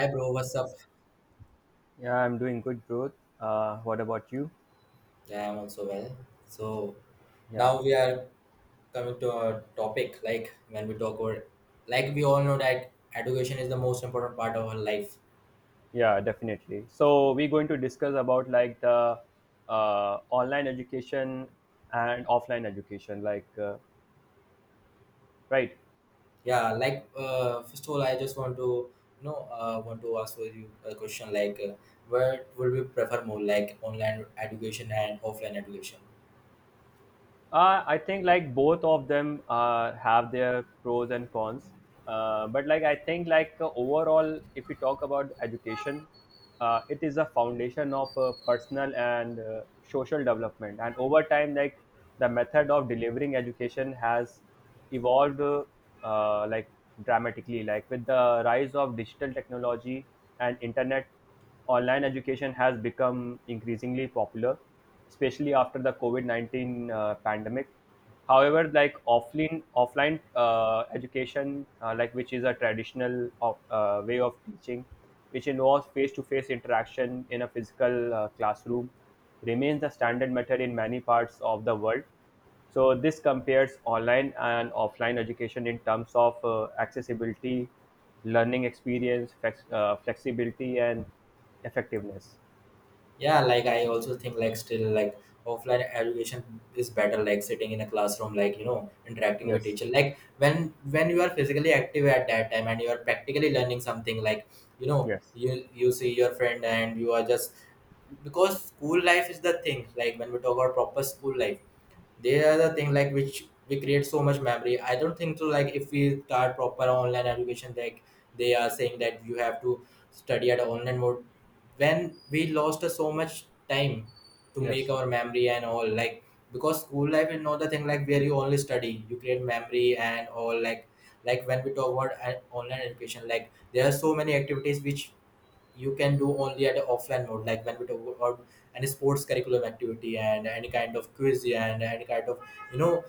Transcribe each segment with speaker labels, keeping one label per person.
Speaker 1: Hi bro, what's up?
Speaker 2: Yeah, I'm doing good, bro. What about you?
Speaker 1: Yeah, I'm also well. So
Speaker 2: Yeah,
Speaker 1: now we are coming to a topic, like when we talk about, like we all know that education is the most important part of our life.
Speaker 2: yeah, definitely. So we're going to discuss about like the online education and offline education, right.
Speaker 1: Yeah, like first of all, I just want to, you know, want to ask for you a question, like where would we prefer more, like online education and offline education?
Speaker 2: I think like both of them have their pros and cons. But like I think overall, if we talk about education, it is a foundation of personal and social development. And over time, like the method of delivering education has evolved uh, like dramatically. Like with the rise of digital technology and internet, online education has become increasingly popular, especially after the COVID 19 pandemic. However, like offline education, like which is a traditional way of teaching, which involves face to face interaction in a physical classroom, remains the standard method in many parts of the world. So this compares online and offline education in terms of accessibility, learning experience, flexibility, and effectiveness.
Speaker 1: Yeah, like I also think like still like offline education is better, like sitting in a classroom, like you know, interacting with
Speaker 2: Yes.
Speaker 1: teacher, like when you are physically active at that time and you are practically learning something, like you know,
Speaker 2: Yes.
Speaker 1: you see your friend and you are just because school life is the thing, like when we talk about proper school life, they are the thing like which we create so much memory. I don't think so, like if we start proper online education, like they are saying that you have to study at online mode when we lost so much time to make
Speaker 2: Yes.
Speaker 1: our memory and all, like because school life is not the thing like where you only study, you create memory and all, like when we talk about online education, like there are so many activities which you can do only at the offline mode, like when we talk about any sports curriculum activity and any kind of quiz and any kind of, you know,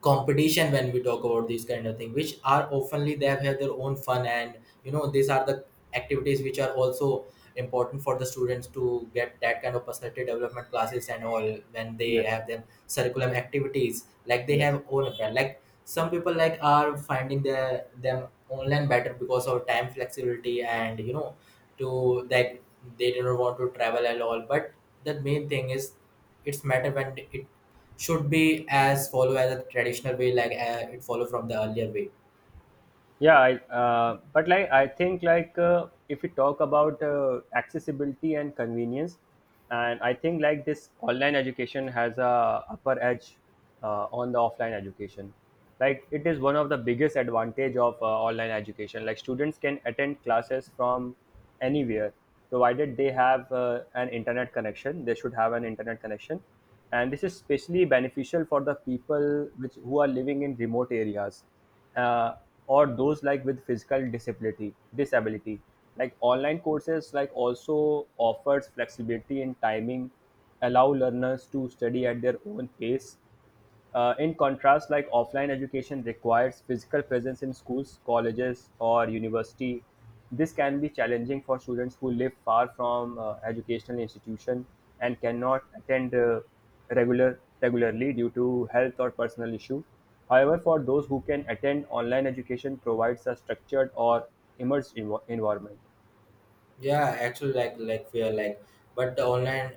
Speaker 1: competition, when we talk about these kind of thing which are oftenly, they have had their own fun and, you know, these are the activities which are also important for the students to get that kind of personality development classes and all when they
Speaker 2: yes
Speaker 1: have their curriculum activities, like they
Speaker 2: yes
Speaker 1: have own apparel. Like some people like are finding their them online better because of time flexibility and you know to that, they do not want to travel at all. But the main thing is it's matter when it should be as follow as a traditional way, like it follow from the earlier way.
Speaker 2: yeah, but like I think if we talk about accessibility and convenience, and I think like this online education has a upper edge on the offline education. Like it is one of the biggest advantage of online education. Like students can attend classes from anywhere, provided they have an internet connection, they should have an internet connection. And this is especially beneficial for the people which who are living in remote areas, uh, or those like with physical disability. Like online courses like also offers flexibility in timing, allow learners to study at their own pace. In contrast, like offline education requires physical presence in schools, colleges, or university. This can be challenging for students who live far from educational institution and cannot attend regularly due to health or personal issue. However, for those who can attend, online education provides a structured or environment.
Speaker 1: Yeah, actually, like we are like but the online,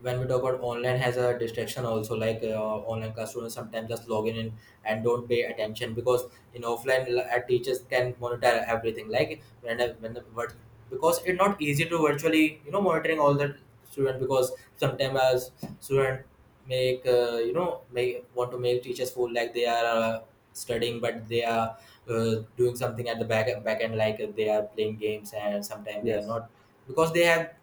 Speaker 1: when we talk about online has a distraction also, like online classroom sometimes just log in and don't pay attention because in offline teachers can monitor everything, like when the because it's not easy to virtually, you know, monitoring all the student because sometimes as student make you know, make want to make teachers feel like they are studying, but they are doing something at the back end, like they are playing games and sometimes they are
Speaker 2: Yes.
Speaker 1: not because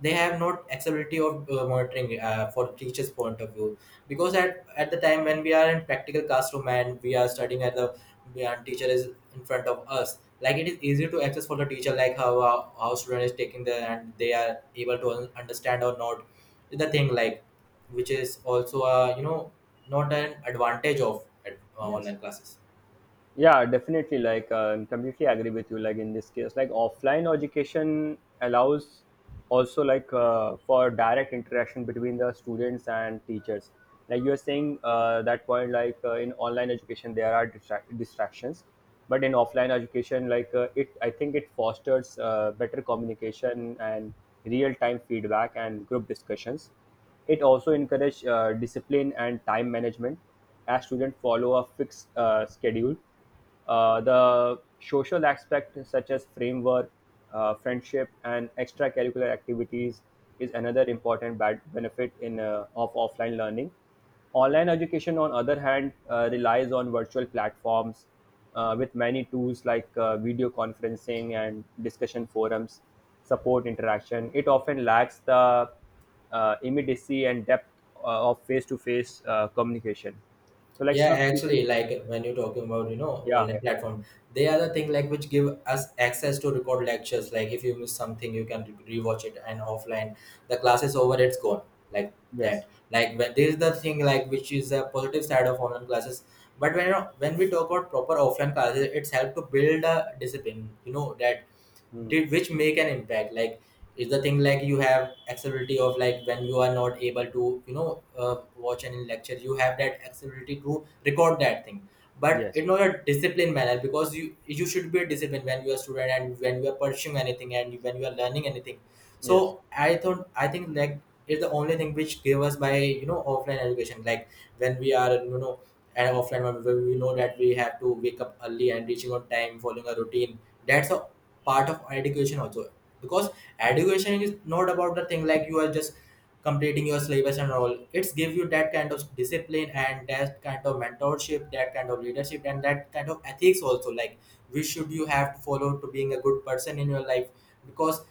Speaker 1: they have not accessibility of monitoring for teachers point of view. Because
Speaker 2: Yes.
Speaker 1: at the time when we are in practical classroom and we are studying at the and teacher is in front of us, like it is easy to access for the teacher, like how how student is taking the and they are able to understand or not. The thing like which is also you know, not an advantage of
Speaker 2: Yes.
Speaker 1: online classes.
Speaker 2: Yeah, definitely, like completely agree with you. Like in this case, like offline education allows also, like for direct interaction between the students and teachers. Like you are saying that point, like in online education there are distractions, but in offline education, like it I think it fosters better communication and real time feedback and group discussions. It also encourages discipline and time management as students follow a fixed schedule. The social aspect, such as framework, friendship, and extracurricular activities, is another important bad benefit in of offline learning. Online education, on other hand, relies on virtual platforms with many tools like video conferencing and discussion forums, support interaction. It often lacks the immediacy and depth of face-to-face communication. So, like
Speaker 1: Yeah,
Speaker 2: some students,
Speaker 1: actually, like when you're talking about, you know,
Speaker 2: yeah,
Speaker 1: online
Speaker 2: yeah,
Speaker 1: platform, they are the thing like which give us access to record lectures. Like if you miss something, you can rewatch it, and offline the class is over, it's gone. Like
Speaker 2: yes,
Speaker 1: that. Like when there is the thing like which is a positive side of online classes. But when we talk about proper offline classes, it's helped to build a discipline. You know that
Speaker 2: mm,
Speaker 1: did which make an impact, like is the thing like you have accessibility of, like when you are not able to, you know, watch any lecture, you have that accessibility to record that thing, but
Speaker 2: yes,
Speaker 1: in not a disciplined manner, because you should be disciplined when you are a student and when you are pursuing anything and when you are learning anything.
Speaker 2: yes,
Speaker 1: So I think like is the only thing which gave us by, you know, offline education, like when we are, you know, at offline, when we know that we have to wake up early and reaching on time, following a routine. That's all part of education also, because education is not about the thing like you are just completing your syllabus and all. It's give you that kind of discipline and that kind of mentorship, that kind of leadership and that kind of ethics also, like which should you have to follow to being a good person in your life. Because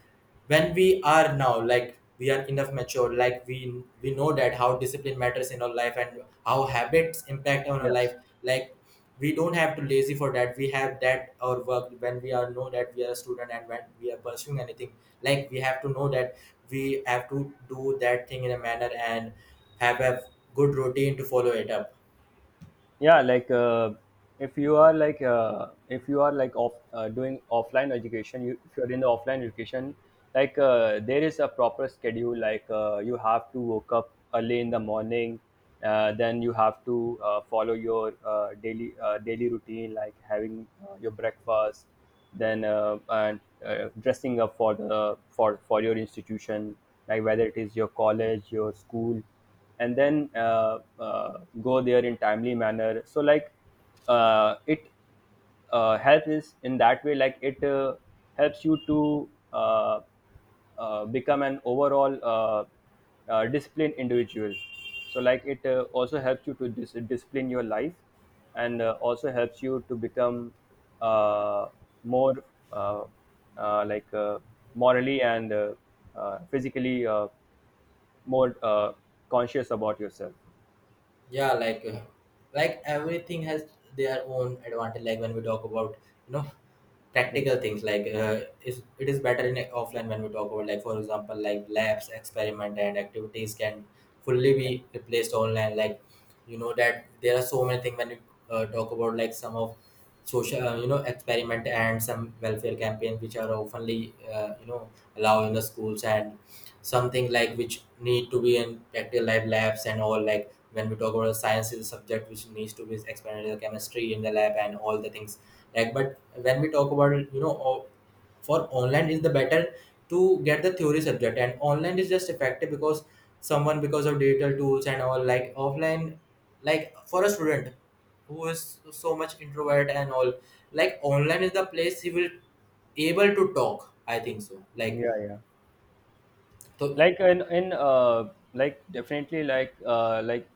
Speaker 1: when we are now, like we are enough mature, like we know that how discipline matters in our life and how habits impact on our life,
Speaker 2: yes,
Speaker 1: like we don't have to lazy for that. We have that our work when we are know that we are a student and when we are pursuing anything, like we have to know that we have to do that thing in a manner and have a good routine to follow it up.
Speaker 2: yeah. Like if you are like if you are like off doing offline education, if you are in the offline education, like there is a proper schedule. Like you have to wake up early in the morning. Then you have to follow your daily routine, like having your breakfast, then and dressing up for the for your institution, like whether it is your college, your school, and then go there in timely manner. So like it help is in that way. It helps you to become an overall disciplined individual. So like it also helps you to discipline your life, and also helps you to become uh, more uh, uh, like uh, morally and physically more conscious about yourself.
Speaker 1: Yeah, like everything has their own advantage, like when we talk about, you know,
Speaker 2: Yes.
Speaker 1: practical things, like is better in offline, when we talk about, like for example, like labs experiment and activities can fully be replaced online, like you know that there are so many things when you talk about, like some of social you know, experiment and some welfare campaign which are oftenly, you know, allowed in the
Speaker 2: Yes.
Speaker 1: schools and something like which need to be in practical life labs and all, like when we talk about science is a subject which needs to be experimented, chemistry in the lab and all the things. Like but when we talk about it, you know, for online is the better to get the theory subject, and online is just effective because someone because of digital tools and all, like offline, like for a student who is so much introvert and all, like online is the place he will able to talk, I think so, like
Speaker 2: Yeah,
Speaker 1: so.
Speaker 2: like in like definitely, like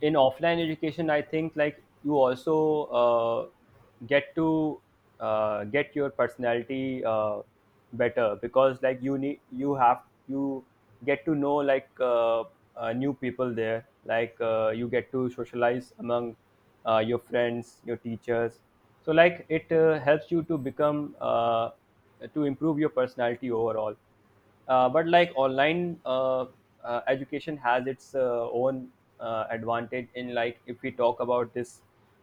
Speaker 2: in offline education, I think like you also uh, get to get your personality better, because like you need you have you get to know like new people there. Like you get to socialize among your friends, your teachers. So like it helps you to become to improve your personality overall. But like online education has its own advantage in, like if we talk about this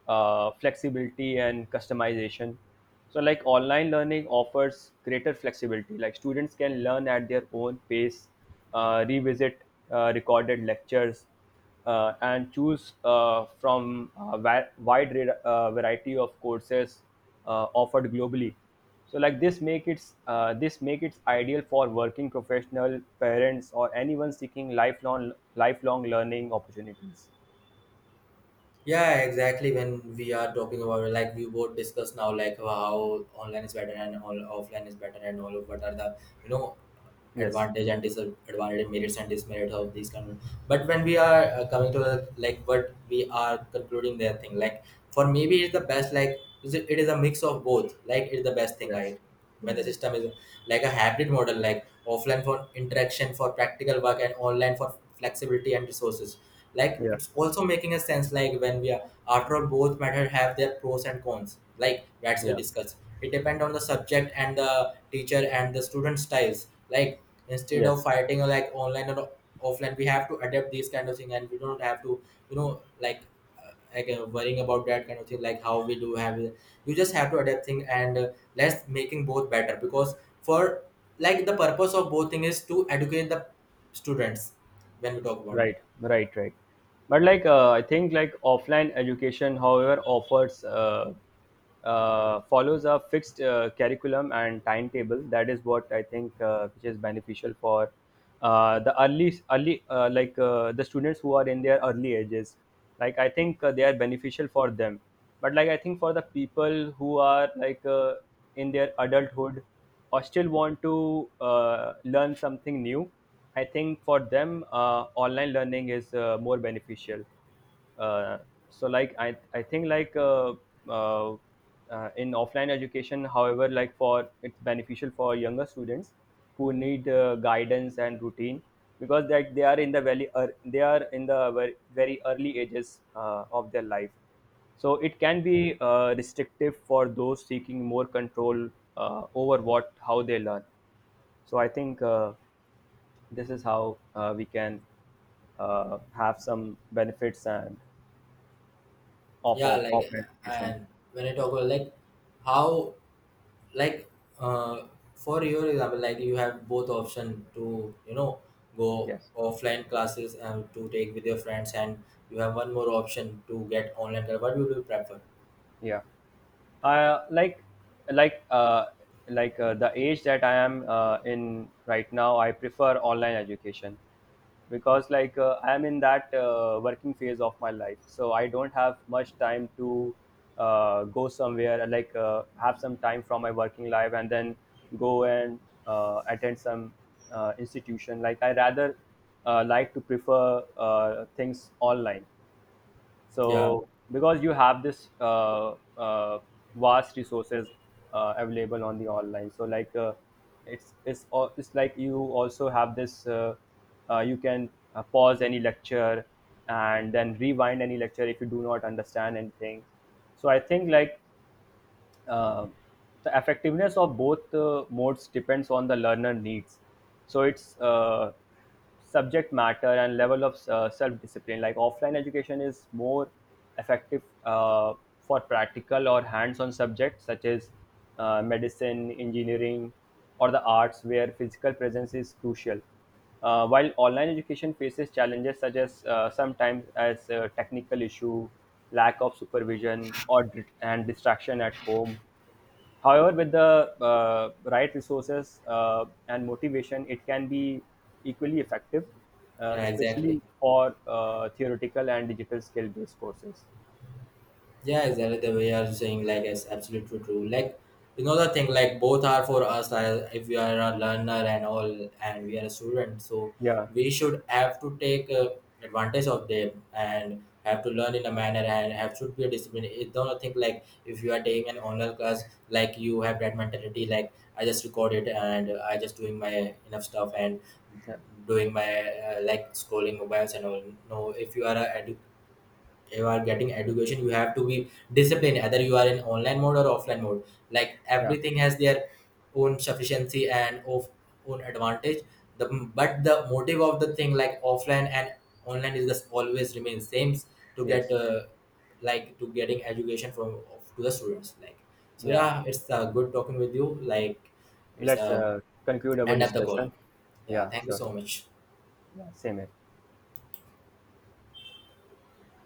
Speaker 2: flexibility and customization. So like online learning offers greater flexibility. Like students can learn at their own pace, revisit recorded lectures, and choose from a wide variety of courses offered globally. So like this make it ideal for working professional parents or anyone seeking lifelong learning opportunities.
Speaker 1: Yeah, exactly. When we are talking about it, like we both discussed now, like how online is better and all, offline is better and all, of what are the, you know,
Speaker 2: Yes.
Speaker 1: advantage and disadvantage, merits and dismerits of these kind of, but when we are coming to the, like what we are concluding their thing, like for maybe it's the best. Like is it it is a mix of both. Like it's the best thing,
Speaker 2: Yes.
Speaker 1: right? When the system is like a hybrid model, like offline for interaction, for practical work, and online for flexibility and resources, like
Speaker 2: Yeah.
Speaker 1: it's also making a sense, like when we are after all, both method have their pros and cons, like that's we
Speaker 2: Yeah.
Speaker 1: discuss, it depends on the subject and the teacher and the student styles, like instead of
Speaker 2: Yes.
Speaker 1: fighting like online or offline, we have to adapt these kind of thing, and we don't have to, you know, like worrying about that kind of thing, like how we do have it. You just have to adapt thing and let's making both better, because for like the purpose of both thing is to educate the students, when we talk about.
Speaker 2: Right, right, right. But like, I think like offline education, however, offers follows a fixed curriculum and timetable. That is what I think, which is beneficial for early the students who are in their early ages. Like I think they are beneficial for them, but like I think for the people who are like in their adulthood or still want to learn something new. I think for them, online learning is more beneficial. uh, so like I think like uh, in offline education, however, like for it's beneficial for younger students who need guidance and routine, because that they are in the very ear they are in the very, very early ages of their life. So it can be restrictive for those seeking more control over what how they learn. So I think this is how we can have some benefits and of
Speaker 1: Yeah,
Speaker 2: of
Speaker 1: like
Speaker 2: of education.
Speaker 1: and when I talk about, like how, like uh, for your example, like you have both option to, you know, go
Speaker 2: Yes.
Speaker 1: offline classes and to take with your friends, and you have one more option to get online class. What would you prefer?
Speaker 2: Yeah. Uh, like like uh, like uh, the age that I am in right now, I prefer online education, because like I am in that working phase of my life, so I don't have much time to go somewhere and, like have some time from my working life and then go and attend some institution. Like I rather like to prefer things online,
Speaker 1: Yeah,
Speaker 2: so because you have this vast resources available on the online. So like it's it's like you also have this you can pause any lecture and then rewind any lecture if you do not understand anything. So I think like uh, the effectiveness of both modes depends on the learner needs. So it's subject matter and level of self discipline. Like offline education is more effective for practical or hands on subjects such as medicine, engineering, or the arts, where physical presence is crucial. While online education faces challenges such as sometimes as technical issue, lack of supervision, and distraction at home. However, with the right resources and motivation, it can be equally effective,
Speaker 1: yeah, exactly.
Speaker 2: especially for theoretical and digital skill-based courses.
Speaker 1: Yeah, exactly the way you're saying, like, it's absolutely true. Like, you know, the thing, like both are for us, if we are a learner and all, and we are a student, so
Speaker 2: Yeah,
Speaker 1: we should have to take advantage of them and have to learn in a manner, and have should be a discipline. It's not think like, if you are taking an online class, like you have that mentality, like I just record it and I just doing my enough stuff and
Speaker 2: yeah,
Speaker 1: doing my like scrolling mobiles and all. No, if you are a you are getting education, you have to be disciplined either you are in online mode or offline mode. Like
Speaker 2: yeah,
Speaker 1: everything has their own sufficiency and of own advantage, the but the motive of the thing like offline and online is just always remain same to get
Speaker 2: yes,
Speaker 1: like to getting education from to the students, like so,
Speaker 2: yeah.
Speaker 1: yeah, it's good talking with you, like it's a
Speaker 2: Let's conclude our
Speaker 1: end up the call.
Speaker 2: discussion.
Speaker 1: Yeah,
Speaker 2: Yeah,
Speaker 1: thank you
Speaker 2: sure.
Speaker 1: so much.
Speaker 2: Yeah, same here.